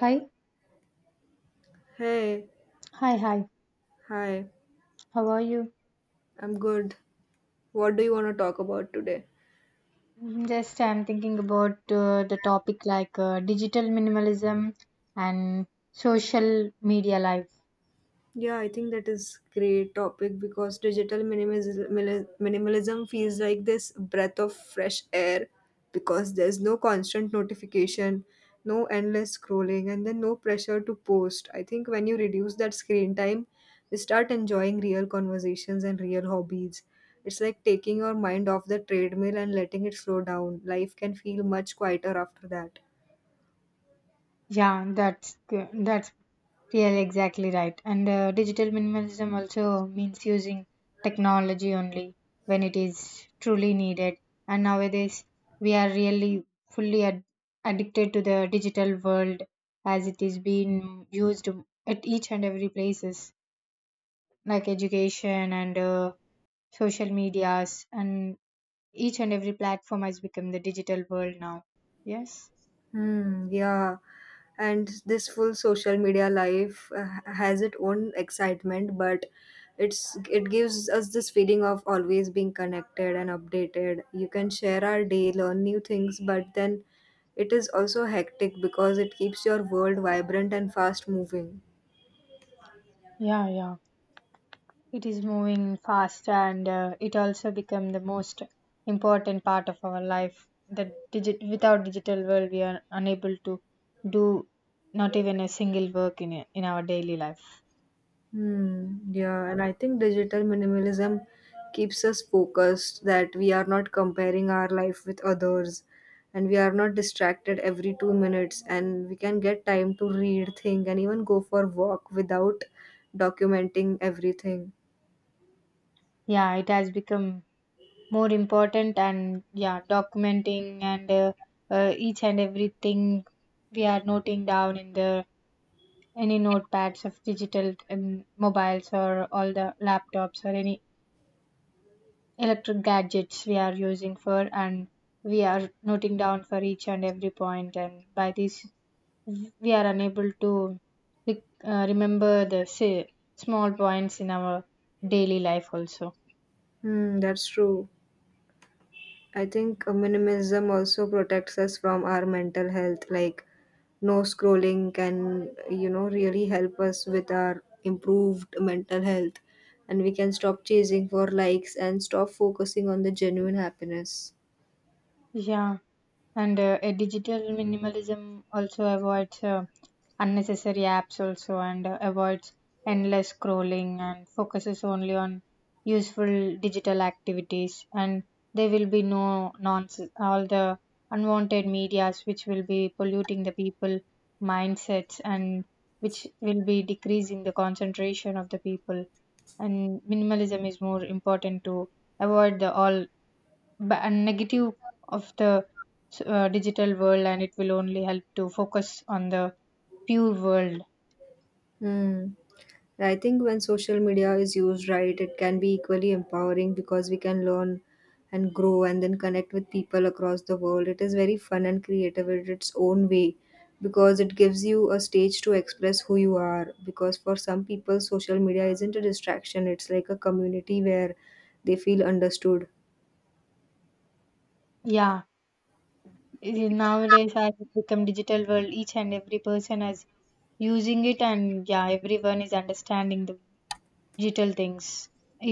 Hi, Hey, hi. hi, How are you? I'm good. What do you want to talk about today? Mhm, just I'm thinking about the topic like digital minimalism and social media life. Yeah, I think that is great topic because minimalism feels like this breath of fresh air because there's no constant notification, no endless scrolling, and then no pressure to post. I think when you reduce that screen time, you start enjoying real conversations and real hobbies. It's like taking your mind off the treadmill and letting it slow down. Life can feel much quieter after that. Yeah, that's really exactly right. And digital minimalism also means using technology only when it is truly needed. And nowadays we are really fully addicted to the digital world as it is being used at each and every places, like education and social medias, and each and every platform has become the digital world now, yes. Hmm, yeah. And this full social media life has its own excitement, but it gives us this feeling of always being connected and updated. You can share our day, learn new things, but then it is also hectic because it keeps your world vibrant and fast moving. Yeah, yeah, it is moving fast, and it also become the most important part of our life, the digit without digital world we are unable to do not even a single work in in our daily life. Hmm. Yeah, and I think digital minimalism keeps us focused that we are not comparing our life with others and we are not distracted every 2 minutes and we can get time to read, think, and even go for walk without documenting everything. Yeah, it has become more important, and yeah, documenting and each and everything we are noting down in the any notepads of digital mobiles or all the laptops or any electric gadgets we are using for, and we are noting down for each and every point, and by this we are unable to remember the, say, small points in our daily life also. Hmm, that's true. I think minimalism also protects us from our mental health. Like no scrolling can really help us with our improved mental health and we can stop chasing for likes and stop focusing on the genuine happiness. Yeah, and a digital minimalism also avoids unnecessary apps also, and avoids endless scrolling and focuses only on useful digital activities, and there will be no nonsense, all the unwanted medias which will be polluting the people mindsets and which will be decreasing the concentration of the people, and minimalism is more important to avoid the all negative of the digital world, and it will only help to focus on the pure world. Hmm. I think when social media is used right, it can be equally empowering because we can learn and grow and then connect with people across the world. It is very fun and creative in its own way because it gives you a stage to express who you are. Because for some people, social media isn't a distraction, it's like a community where they feel understood. Yeah, nowadays as it become digital world, each and every person is using it, and yeah, everyone is understanding the digital things,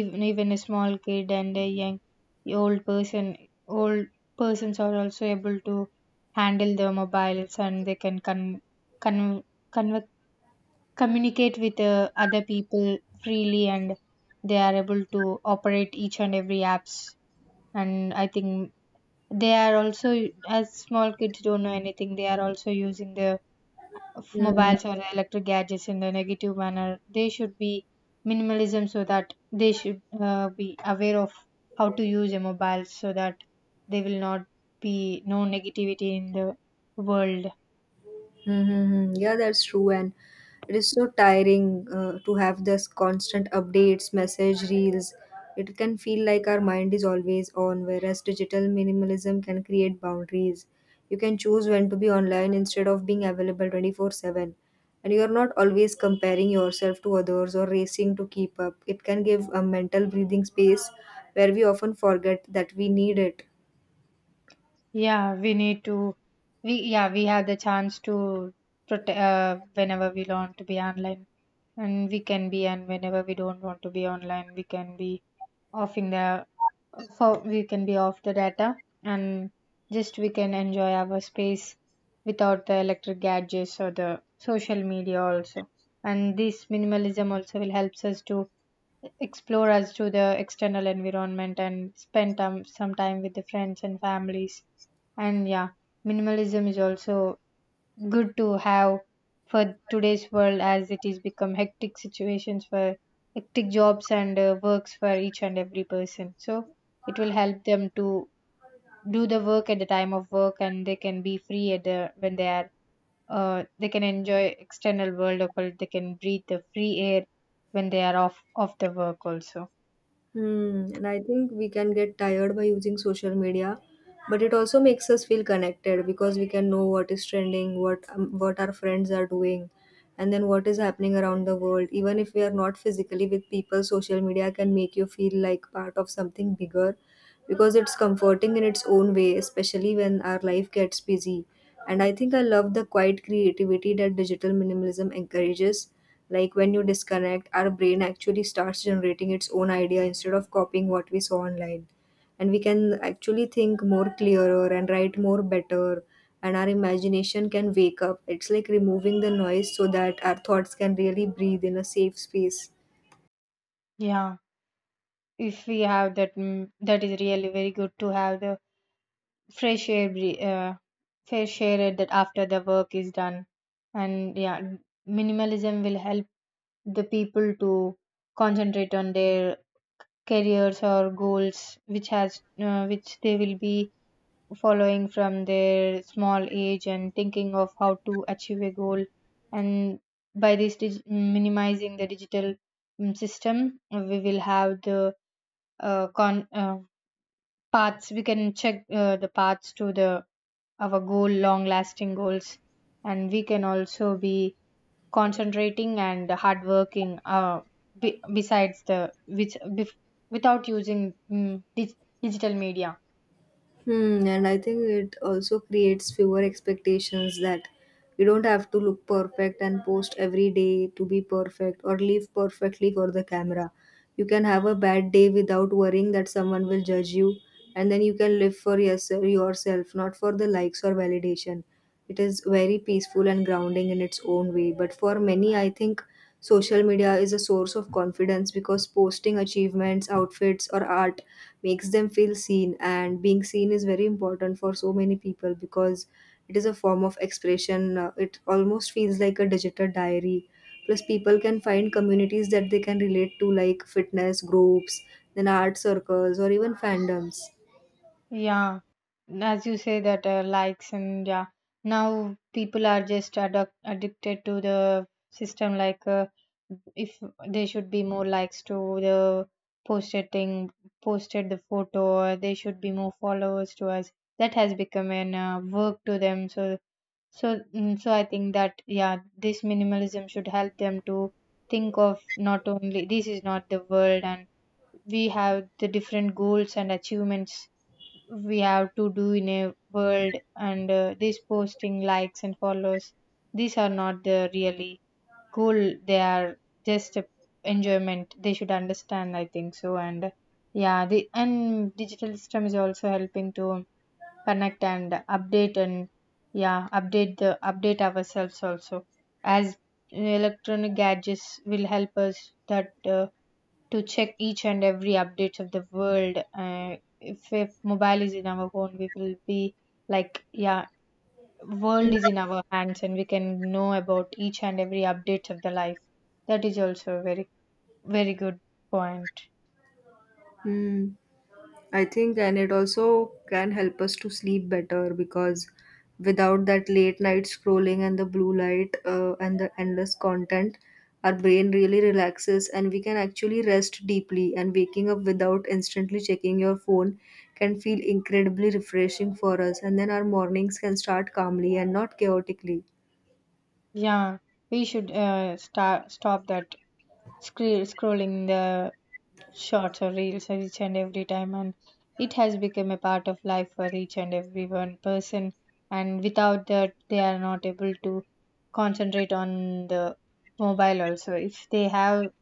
even a small kid and a young old person, old persons are also able to handle the mobiles, and they can con- communicate with other people freely, and they are able to operate each and every apps. And I think they are also, as small kids don't know anything, they are also using the Hmm. mobiles or the electric gadgets in the negative manner. They should be minimalism so that they should be aware of how to use a mobile so that they will not be no negativity in the world. Mm-hmm. Yeah, that's true. And it is so tiring to have this constant updates, message reels. It can feel like our mind is always on, whereas digital minimalism can create boundaries. You can choose when to be online instead of being available 24/7. And you are not always comparing yourself to others or racing to keep up. It can give a mental breathing space where we often forget that we need it. Yeah, we need to. We have the chance to protect whenever we want to be online, and we can be, and whenever we don't want to be online, we can be offing the, for we can be off the data, and just we can enjoy our space without the electric gadgets or the social media also. And this minimalism also will helps us to explore as to the external environment and spend time, some time with the friends and families, and yeah, minimalism is also good to have for today's world as it is become hectic situations for hectic jobs and works for each and every person, so it will help them to do the work at the time of work, and they can be free at the when they are they can enjoy external world, or they can breathe the free air when they are off of the work also. Hmm, and I think we can get tired by using social media, but it also makes us feel connected because we can know what is trending, what our friends are doing, and then what is happening around the world. Even if we are not physically with people, social media can make you feel like part of something bigger because it's comforting in its own way, especially when our life gets busy. And I think I love the quiet creativity that digital minimalism encourages. Like when you disconnect, our brain actually starts generating its own idea instead of copying what we saw online. And we can actually think more clearer and write more better, and our imagination can wake up. It's like removing the noise so that our thoughts can really breathe in a safe space. Yeah, if we have that, that is really very good to have the fresh air, fresh air it that after the work is done. And yeah, minimalism will help the people to concentrate on their careers or goals, which has, which they will be following from their small age and thinking of how to achieve a goal. And by this, minimizing the digital, system, we will have the con paths. We can check the paths to the our goal, long lasting goals, and we can also be concentrating and hardworking, besides the which without using, digital media. Hmm, and I think it also creates fewer expectations that you don't have to look perfect and post every day to be perfect or live perfectly for the camera. You can have a bad day without worrying that someone will judge you, and then you can live for yourself, yourself, not for the likes or validation. It is very peaceful and grounding in its own way. But for many, I think social media is a source of confidence because posting achievements, outfits, or art makes them feel seen, and being seen is very important for so many people because it is a form of expression. It almost feels like a digital diary. Plus, people can find communities that they can relate to, like fitness groups, then art circles, or even fandoms. Yeah, as you say that likes, and yeah, now people are just addicted to the system. Like, if they should be more likes to the posted thing, posted the photo, or they should be more followers to us. That has become an work to them. So I think that yeah, this minimalism should help them to think of, not only this is not the world, and we have the different goals and achievements we have to do in a world, and this posting likes and follows, these are not the really goal, they are just a enjoyment, they should understand, I think so. And yeah, the and digital system is also helping to connect and update, and yeah, update the update ourselves also, as electronic gadgets will help us that to check each and every updates of the world. If mobile is in our phone, we will be like, yeah, world is in our hands, and we can know about each and every updates of the life. That is also a very, very good point. Hmm. I think, and it also can help us to sleep better because without that late night scrolling and the blue light and the endless content, our brain really relaxes and we can actually rest deeply. And waking up without instantly checking your phone can feel incredibly refreshing for us. And then our mornings can start calmly and not chaotically. Yeah, we should stop that scrolling the shorts or reels are each and every time, and it has become a part of life for each and every one person, and without that they are not able to concentrate on the mobile also. If they have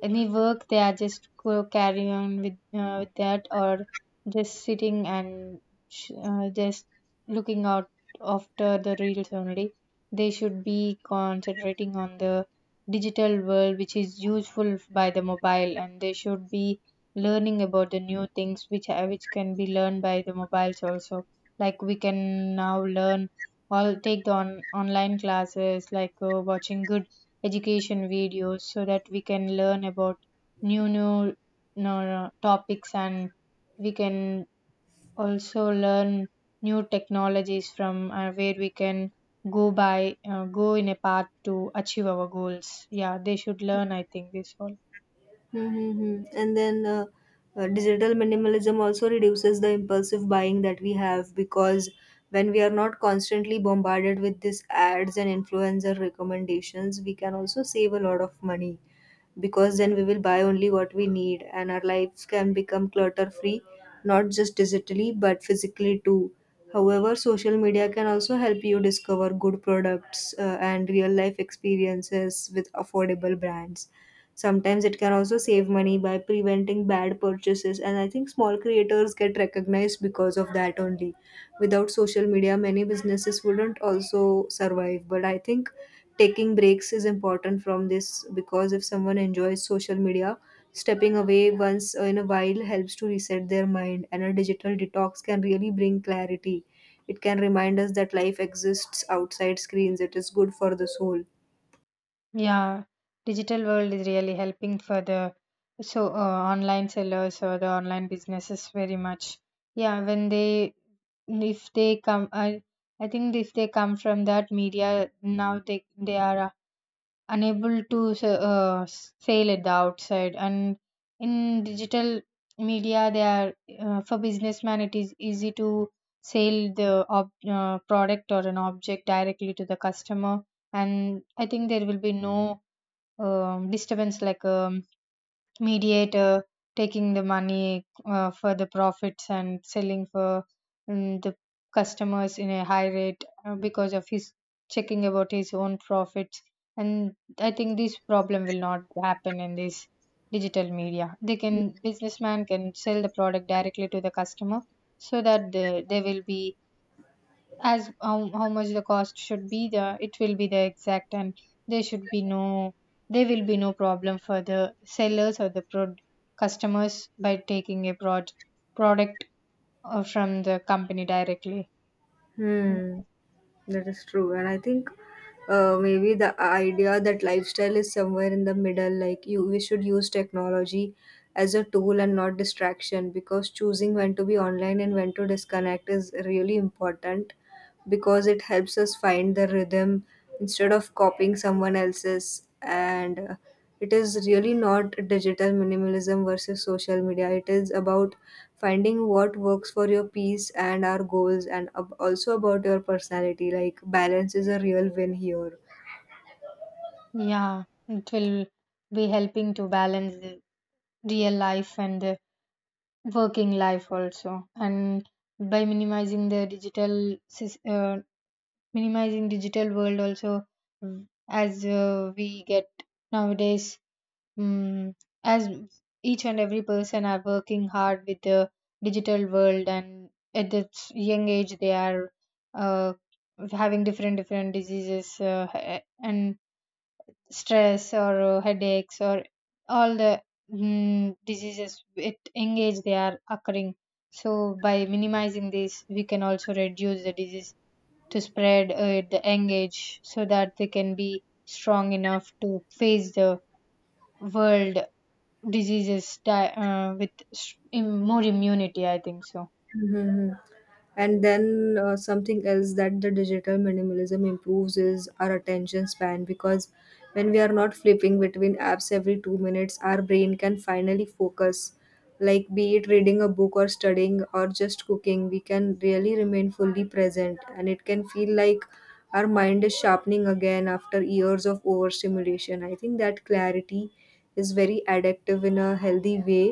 any work, they are just go carry on with that, or just sitting and just looking out after the reels only. They should be concentrating on the digital world which is useful by the mobile, and they should be learning about the new things which are, which can be learned by the mobiles also, like we can now learn all, take the online classes, like watching good education videos so that we can learn about new topics, and we can also learn new technologies from, where we can go by go in a path to achieve our goals. Yeah, they should learn, I think, this all. Mm-hmm. And then digital minimalism also reduces the impulsive buying that we have because when we are not constantly bombarded with these ads and influencer recommendations, we can also save a lot of money because then we will buy only what we need and our lives can become clutter free, not just digitally but physically too. However, social media can also help you discover good products and real life experiences with affordable brands. Sometimes it can also save money by preventing bad purchases, and I think small creators get recognized because of that only. Without social media, many businesses wouldn't also survive. But I think taking breaks is important from this because if someone enjoys social media, stepping away once in a while helps to reset their mind, and a digital detox can really bring clarity. It can remind us that life exists outside screens, it is good for the soul. Yeah, digital world is really helping for the so online sellers or the online businesses very much. Yeah, when they, if they come, I think if they come from that media, now they are unable to sell at the outside, and in digital media they are for businessman it is easy to sell the ob product or an object directly to the customer. And I think there will be no disturbance, like mediator taking the money for the profits and selling for the customers in a high rate because of his checking about his own profits. And I think this problem will not happen in this digital media. They can, businessman can sell the product directly to the customer, so that the, they will be as how much the cost should be there, it will be the exact, and there should be no, there will be no problem for the sellers or the customers by taking a product from the company directly. Hmm. That is true. And I think maybe the idea that lifestyle is somewhere in the middle, like we should use technology as a tool and not distraction because choosing when to be online and when to disconnect is really important because it helps us find the rhythm instead of copying someone else's and it is really not digital minimalism versus social media, it is about finding what works for your peace and our goals, and also about your personality. Like balance is a real win here. Yeah, it will be helping to balance the real life and the working life also, and by minimizing the minimizing digital world also, as we get nowadays, Mm, as each and every person are working hard with the digital world, and at this young age they are uh, having different diseases, and stress or headaches or all the, diseases at young age they are occurring. So by minimizing this, we can also reduce the disease to spread at the young age, so that they can be strong enough to face the world diseases die, with more immunity, I think so. Hmm. And then something else that the digital minimalism improves is our attention span because when we are not flipping between apps every 2 minutes, our brain can finally focus. Like, be it reading a book or studying or just cooking, we can really remain fully present. And it can feel like our mind is sharpening again after years of overstimulation. I think that clarity is very addictive in a healthy way.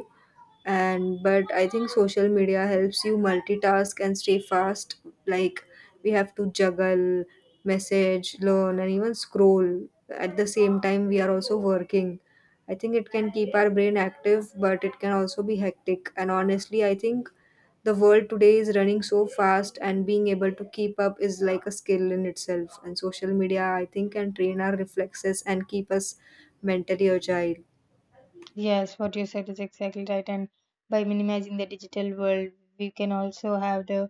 And but I think social media helps you multitask and stay fast. Like, we have to juggle message, learn, and even scroll at the same time we are also working. I think it can keep our brain active, but it can also be hectic. And honestly, I think the world today is running so fast, and being able to keep up is like a skill in itself. And social media, I think, can train our reflexes and keep us mentally agile. Yes, what you said is exactly right, and by minimizing the digital world, we can also have the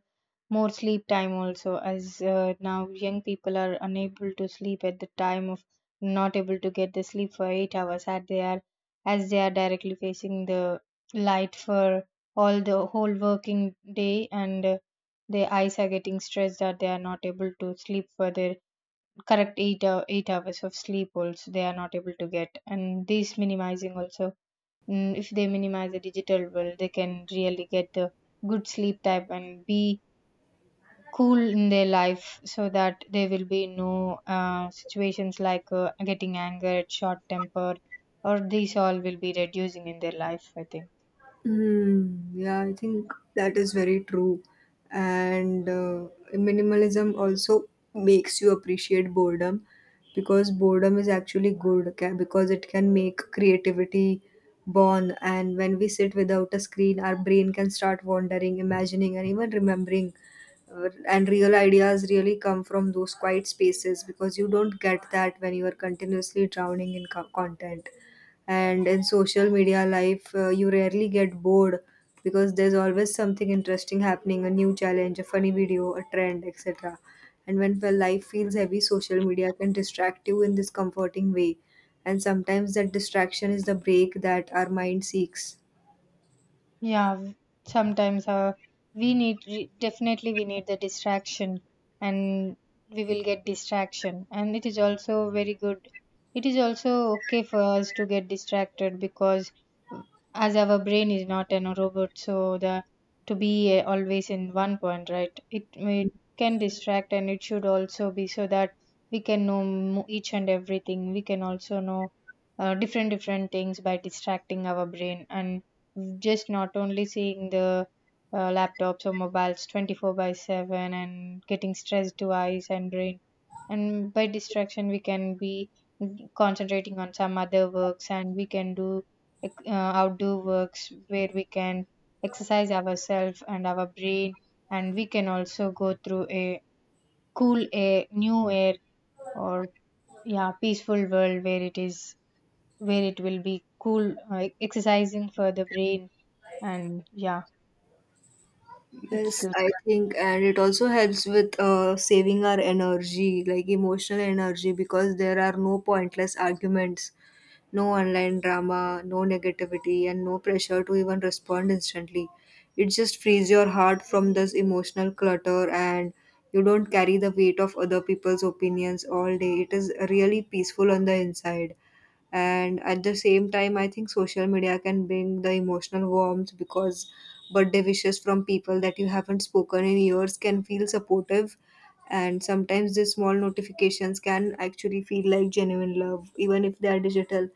more sleep time also, as now young people are unable to sleep at the time of, not able to get the sleep for 8 hours, as they are, as they are directly facing the light for all the whole working day, and their eyes are getting stressed, that they are not able to sleep for their correct 8 hours of sleep also, they are not able to get. And this minimizing also, if they minimize the digital world, they can really get the good sleep type and be cool in their life, so that there will be no situations like getting angered, short temper, or these all will be reducing in their life, I think. Hmm. Yeah, I think that is very true. And minimalism also makes you appreciate boredom because boredom is actually good, okay? Because it can make creativity born. And when we sit without a screen, our brain can start wandering, imagining, and even remembering. And real ideas really come from those quiet spaces because you don't get that when you are continuously drowning in content. And in social media life, you rarely get bored because there's always something interesting happening, a new challenge, a funny video, a trend, etc. And life feels heavy, social media can distract you in this comforting way, and sometimes that distraction is the break that our mind seeks. Yeah, w- sometimes we need definitely we need the distraction, and we will get distraction and it is also very good. It is also okay for us to get distracted, because uh, as our brain is not an robot, so the, to be always in one point, right? It can distract and it should also be so that we can know each and everything. We can also know different things by distracting our brain, and just not only seeing the laptops or mobiles 24 by 7 and getting stressed to eyes and brain. And by distraction we can be concentrating on some other works, and we can do like, uh, outdoor works where we can exercise ourselves and our brain. And we can also go through a cool air, new air, or yeah, peaceful world where it is where it will be cool, exercising for the brain. And yeah, it's Yes, good. I think, and it also helps with saving our energy, like emotional energy, because there are no pointless arguments, no online drama, no negativity, and no pressure to even respond instantly. It just frees your heart from this emotional clutter, and you don't carry the weight of other people's opinions all day. It is really peaceful on the inside. And at the same time, I think social media can bring the emotional warmth because birthday wishes from people that you haven't spoken in years can feel supportive, and sometimes these small notifications can actually feel like genuine love even if they are digital.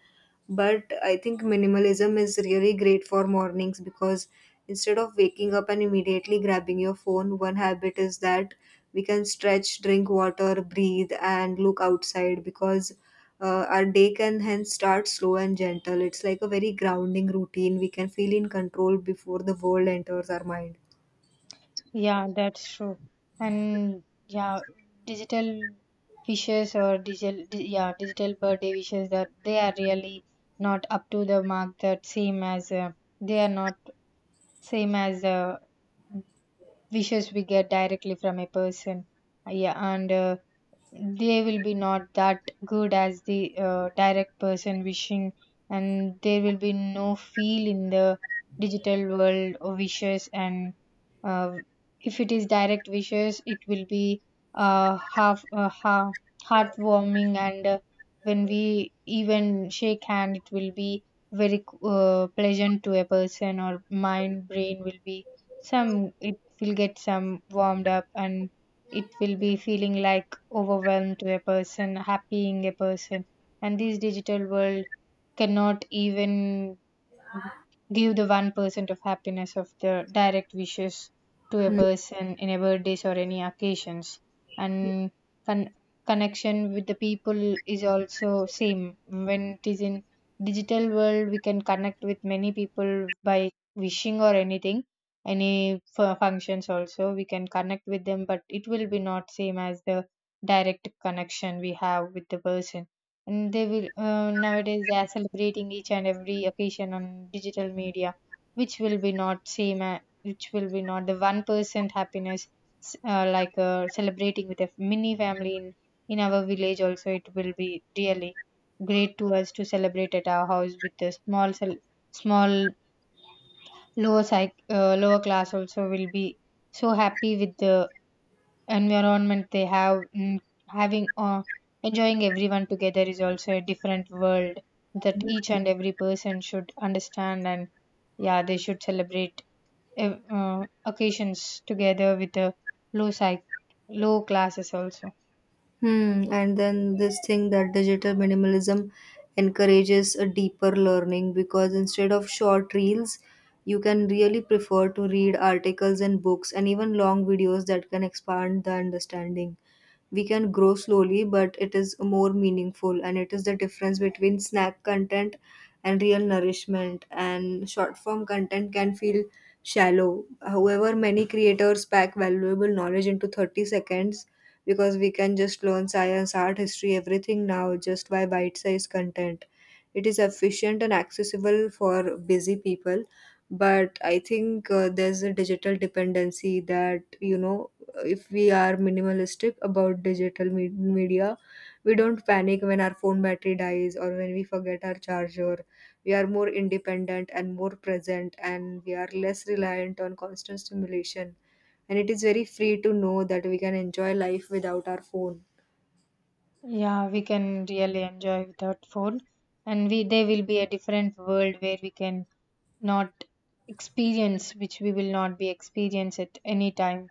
But I think minimalism is really great for mornings because instead of waking up and immediately grabbing your phone, one habit is that we can stretch, drink water, breathe, and look outside. Because our day can hence start slow and gentle. It's like a very grounding routine. We can feel in control before the world enters our mind. Yeah, that's true. And yeah, digital wishes or yeah, digital birthday wishes, that they are really not up to the mark. That same as, they are not same as, wishes we get directly from a person. Yeah, and they will be not that good as the, direct person wishing. And there will be no feel in the digital world of wishes. And uh, if it is direct wishes, it will be uh, half uh, ha- heartwarming. And when we even shake hand, it will be very pleasant to a person, or mind, brain will be some, it will get some warmed up, and it will be feeling like overwhelmed to a person, happying a person. And this digital world cannot even give the 1% of happiness of the direct wishes to a person in a birthdays or any occasions. And con- connection with the people is also same. When it is in digital world, we can connect with many people by wishing or anything, any functions, also we can connect with them. But it will be not same as the direct connection we have with the person. And they will, nowadays, they are celebrating each and every occasion on digital media, which will be not same, which will be not the 1% happiness, like, celebrating with a mini family in our village. Also, it will be really great to us to celebrate at our house with a small lower psych, lower class, also will be so happy with the environment they have. Having, enjoying everyone together is also a different world, that each and every person should understand. And yeah, they should celebrate occasions together with the low psych, low classes also. Hmm. And then this thing that digital minimalism encourages a deeper learning because, instead of short reels, you can really prefer to read articles and books and even long videos that can expand the understanding. We can grow slowly, but it is more meaningful, and it is the difference between snack content and real nourishment. And short form content can feel shallow, however many creators pack valuable knowledge into 30 seconds, because we can just learn science, art, history, everything now just by bite sized content. It is efficient and accessible for busy people, but I think there's a digital dependency that if we are minimalistic about digital media, we don't panic when our phone battery dies or when we forget our charger. We are more independent and more present, and we are less reliant on constant stimulation. And it is very free to know that we can enjoy life without our phone. Yeah, we can really enjoy without phone. And we, there will be a different world where we can not experience, which we will not be experience at any time.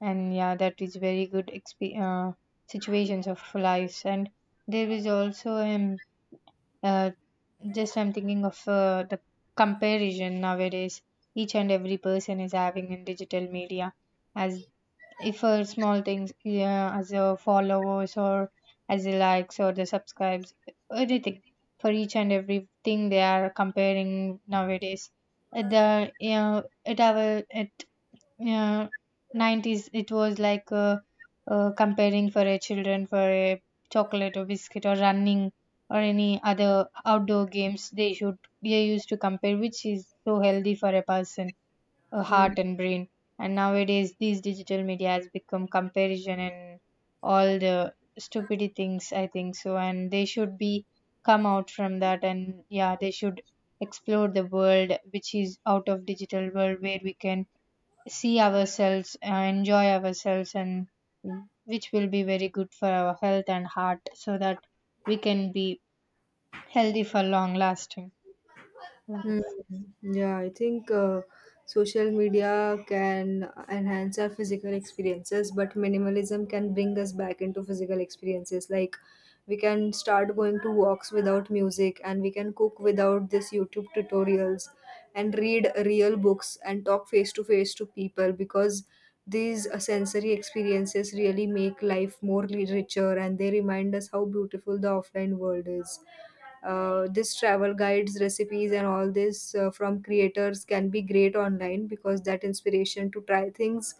And yeah, that is very good, situations of lives. And there is also uh, just I'm thinking of, the comparison nowadays. Each and every person is having in digital media, as if, small things, yeah, as a followers or as a likes or the subscribes, everything, for each and everything they are comparing nowadays. At the, you know, at our, at, uh, 90s, it was like, comparing for a children for a chocolate or biscuit or running or any other outdoor games they should, they used to compare, which is so healthy for a person, Hmm. heart and brain. And nowadays these digital media has become comparison and all the stupidity things, I think so. And they should be come out from that. And yeah, they should explore the world which is out of digital world, where we can see ourselves, enjoy ourselves, and which will be very good for our health and heart, so that we can be healthy for long lasting Hmm. life. Yeah, I think social media can enhance our physical experiences, but minimalism can bring us back into physical experiences. Like, we can start going to walks without music, and we can cook without this YouTube tutorials, and read real books and talk face to face to people, because these sensory experiences really make life more richer and they remind us how beautiful the offline world is. This travel guides, recipes, and all this from creators can be great online, because that inspiration to try things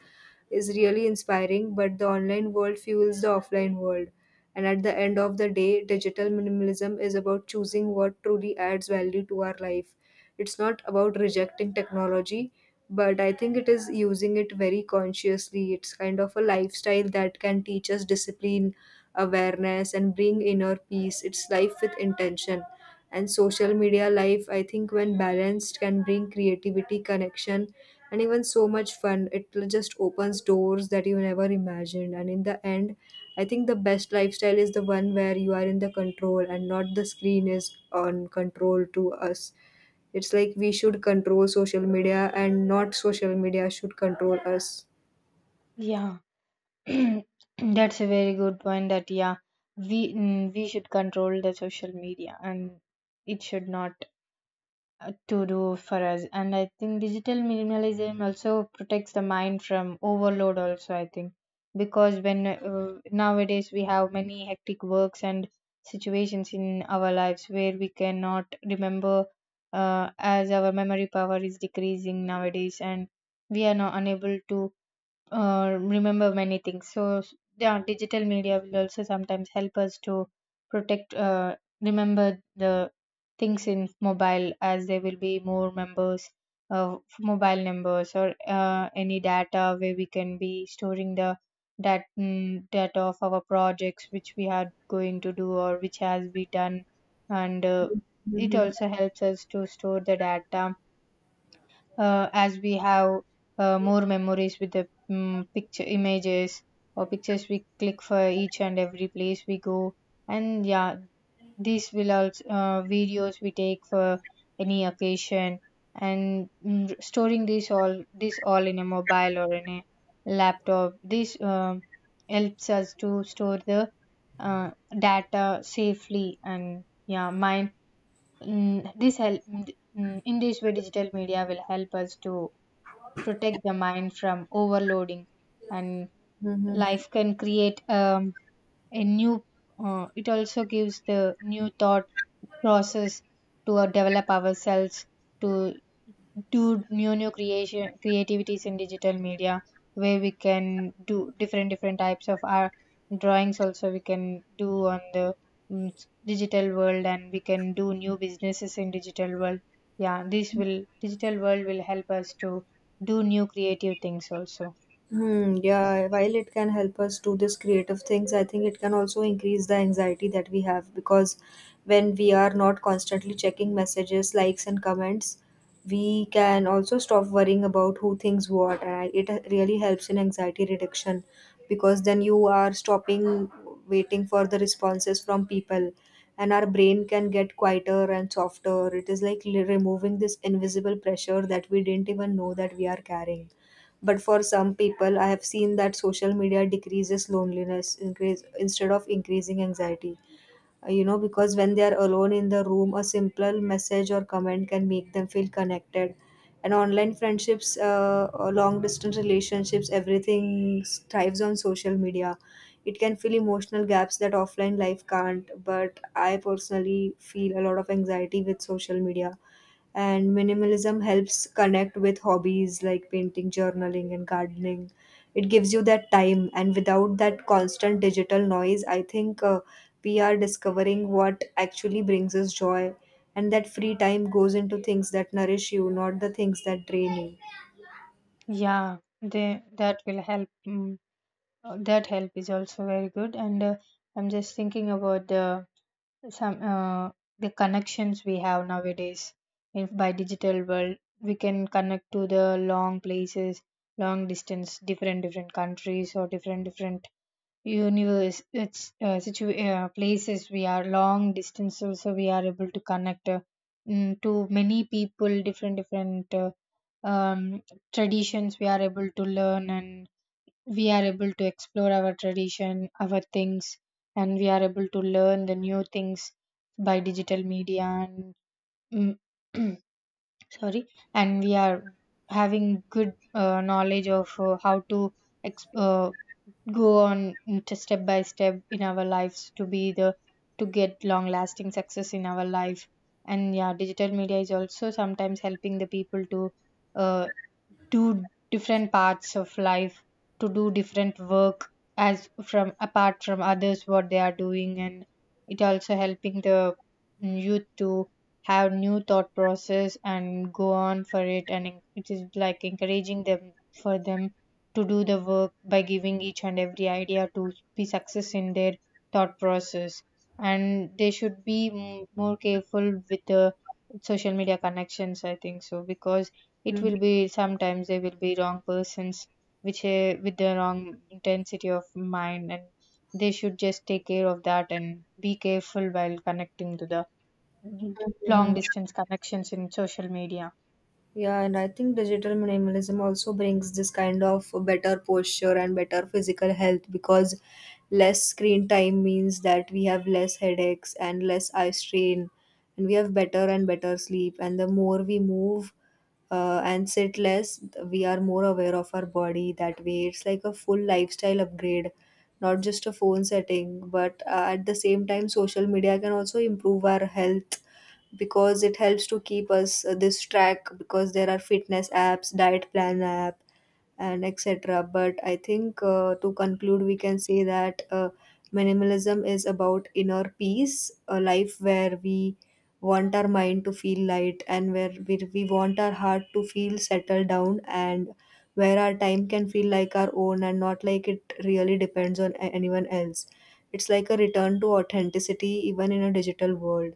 is really inspiring. But the online world fuels the offline world, and at the end of the day, digital minimalism is about choosing what truly adds value to our life. It's not about rejecting technology, but I think it is using it very consciously. It's kind of a lifestyle that can teach us discipline, awareness, and bring inner peace. It's life with intention. And social media life, I think, when balanced, can bring creativity, connection, and even so much fun. It just opens doors that you never imagined. And in the end, I think the best lifestyle is the one where you are in the control and not the screen is on control to us. It's like we should control social media and not social media should control us. Yeah. That's a very good point, that yeah, we should control the social media, and it should not, to do for us. And I think digital minimalism also protects the mind from overload also, I think, because when, nowadays we have many hectic works and situations in our lives where we cannot remember, as our memory power is decreasing nowadays, and we are not unable to, remember many things. So, yeah, digital media will also sometimes help us to protect, remember the things in mobile, as there will be more members, mobile numbers, or any data, where we can be storing the data of our projects which we are going to do or which has been done. And it Mm-hmm. also helps us to store the data, as we have more memories with the picture images or pictures we click for each and every place we go. And yeah, these will also, videos we take for any occasion. And storing this all in a mobile or in a laptop, this helps us to store the, uh, data safely. And yeah, mind, this help, in this way digital media will help us to protect the mind from overloading. And Mm-hmm. life can create a new, it also gives the new thought process to, develop ourselves to to new creation creativities in digital media, where we can do different types of our drawings, also we can do on the digital world. And we can do new businesses in digital world. Yeah, this will, digital world will help us to do new creative things also. Hmm, yeah, while it can help us do this creative things, I think it can also increase the anxiety that we have, because when we are not constantly checking messages, likes, and comments, we can also stop worrying about who thinks what. It really helps in anxiety reduction, because then you are stopping waiting for the responses from people, and our brain can get quieter and softer. It is like removing this invisible pressure that we didn't even know that we are carrying. But for some people, I have seen that social media decreases loneliness increase, instead of increasing anxiety. Because when they are alone in the room, a simple message or comment can make them feel connected. And online friendships, or long distance relationships, everything thrives on social media. It can fill emotional gaps that offline life can't. But I personally feel a lot of anxiety with social media, and minimalism helps connect with hobbies like painting, journaling, and gardening. It gives you that time, and without that constant digital noise, I think we are discovering what actually brings us joy, and that free time goes into things that nourish you, not the things that drain Yeah, they, that will help, that help is also very good. And I'm just thinking about the some, the connections we have nowadays. If by digital world we can connect to the long places, long distance, different countries, or different universe, it's, places we are long distance, also we are able to connect, to many people, different um, traditions we are able to learn, and we are able to explore our tradition, our things, and we are able to learn the new things by digital media. And mm, sorry, and we are having good, knowledge of, how to ex- uh, go on to step by step in our lives, to be the, to get long lasting success in our life. And yeah, digital media is also sometimes helping the people to, uh, two different parts of life, to do different work as from apart from others what they are doing. And it also helping the youth to have new thought process and go on for it. And it is like encouraging them, for them to do the work by giving each and every idea to be success in their thought process. And they should be more careful with the social media connections, I think so, because you. it Mhm. will be sometimes they will be wrong persons, which, with the wrong intensity of mind. And they should just take care of that and be careful while connecting to the long Mhm. distance connections in social media. Yeah, and I think digital minimalism also brings this kind of better posture and better physical health, because less screen time means that we have less headaches and less eye strain, and we have better and better sleep. And the more we move and sit less, we are more aware of our body that way. It's like a full lifestyle upgrade, not just a phone setting. But at the same time, social media can also improve our health, because it helps to keep us this track, because there are fitness apps, diet plan app, and etc. But I think to conclude, we can say that minimalism is about inner peace, a life where we want our mind to feel light, and where we want our heart to feel settled down, and where our time can feel like our own and not like it really depends on anyone else. It's like a return to authenticity even in a digital world.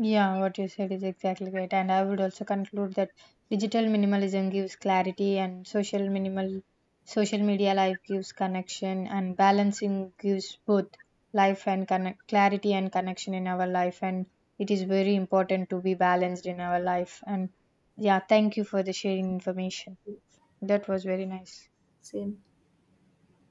Yeah, what you said is exactly right. And I would also conclude that digital minimalism gives clarity, and social media life gives connection, and balancing gives both life and connect clarity and connection in our life. And it is very important to be balanced in our life. And yeah, thank you for the sharing information. That was very nice. Same.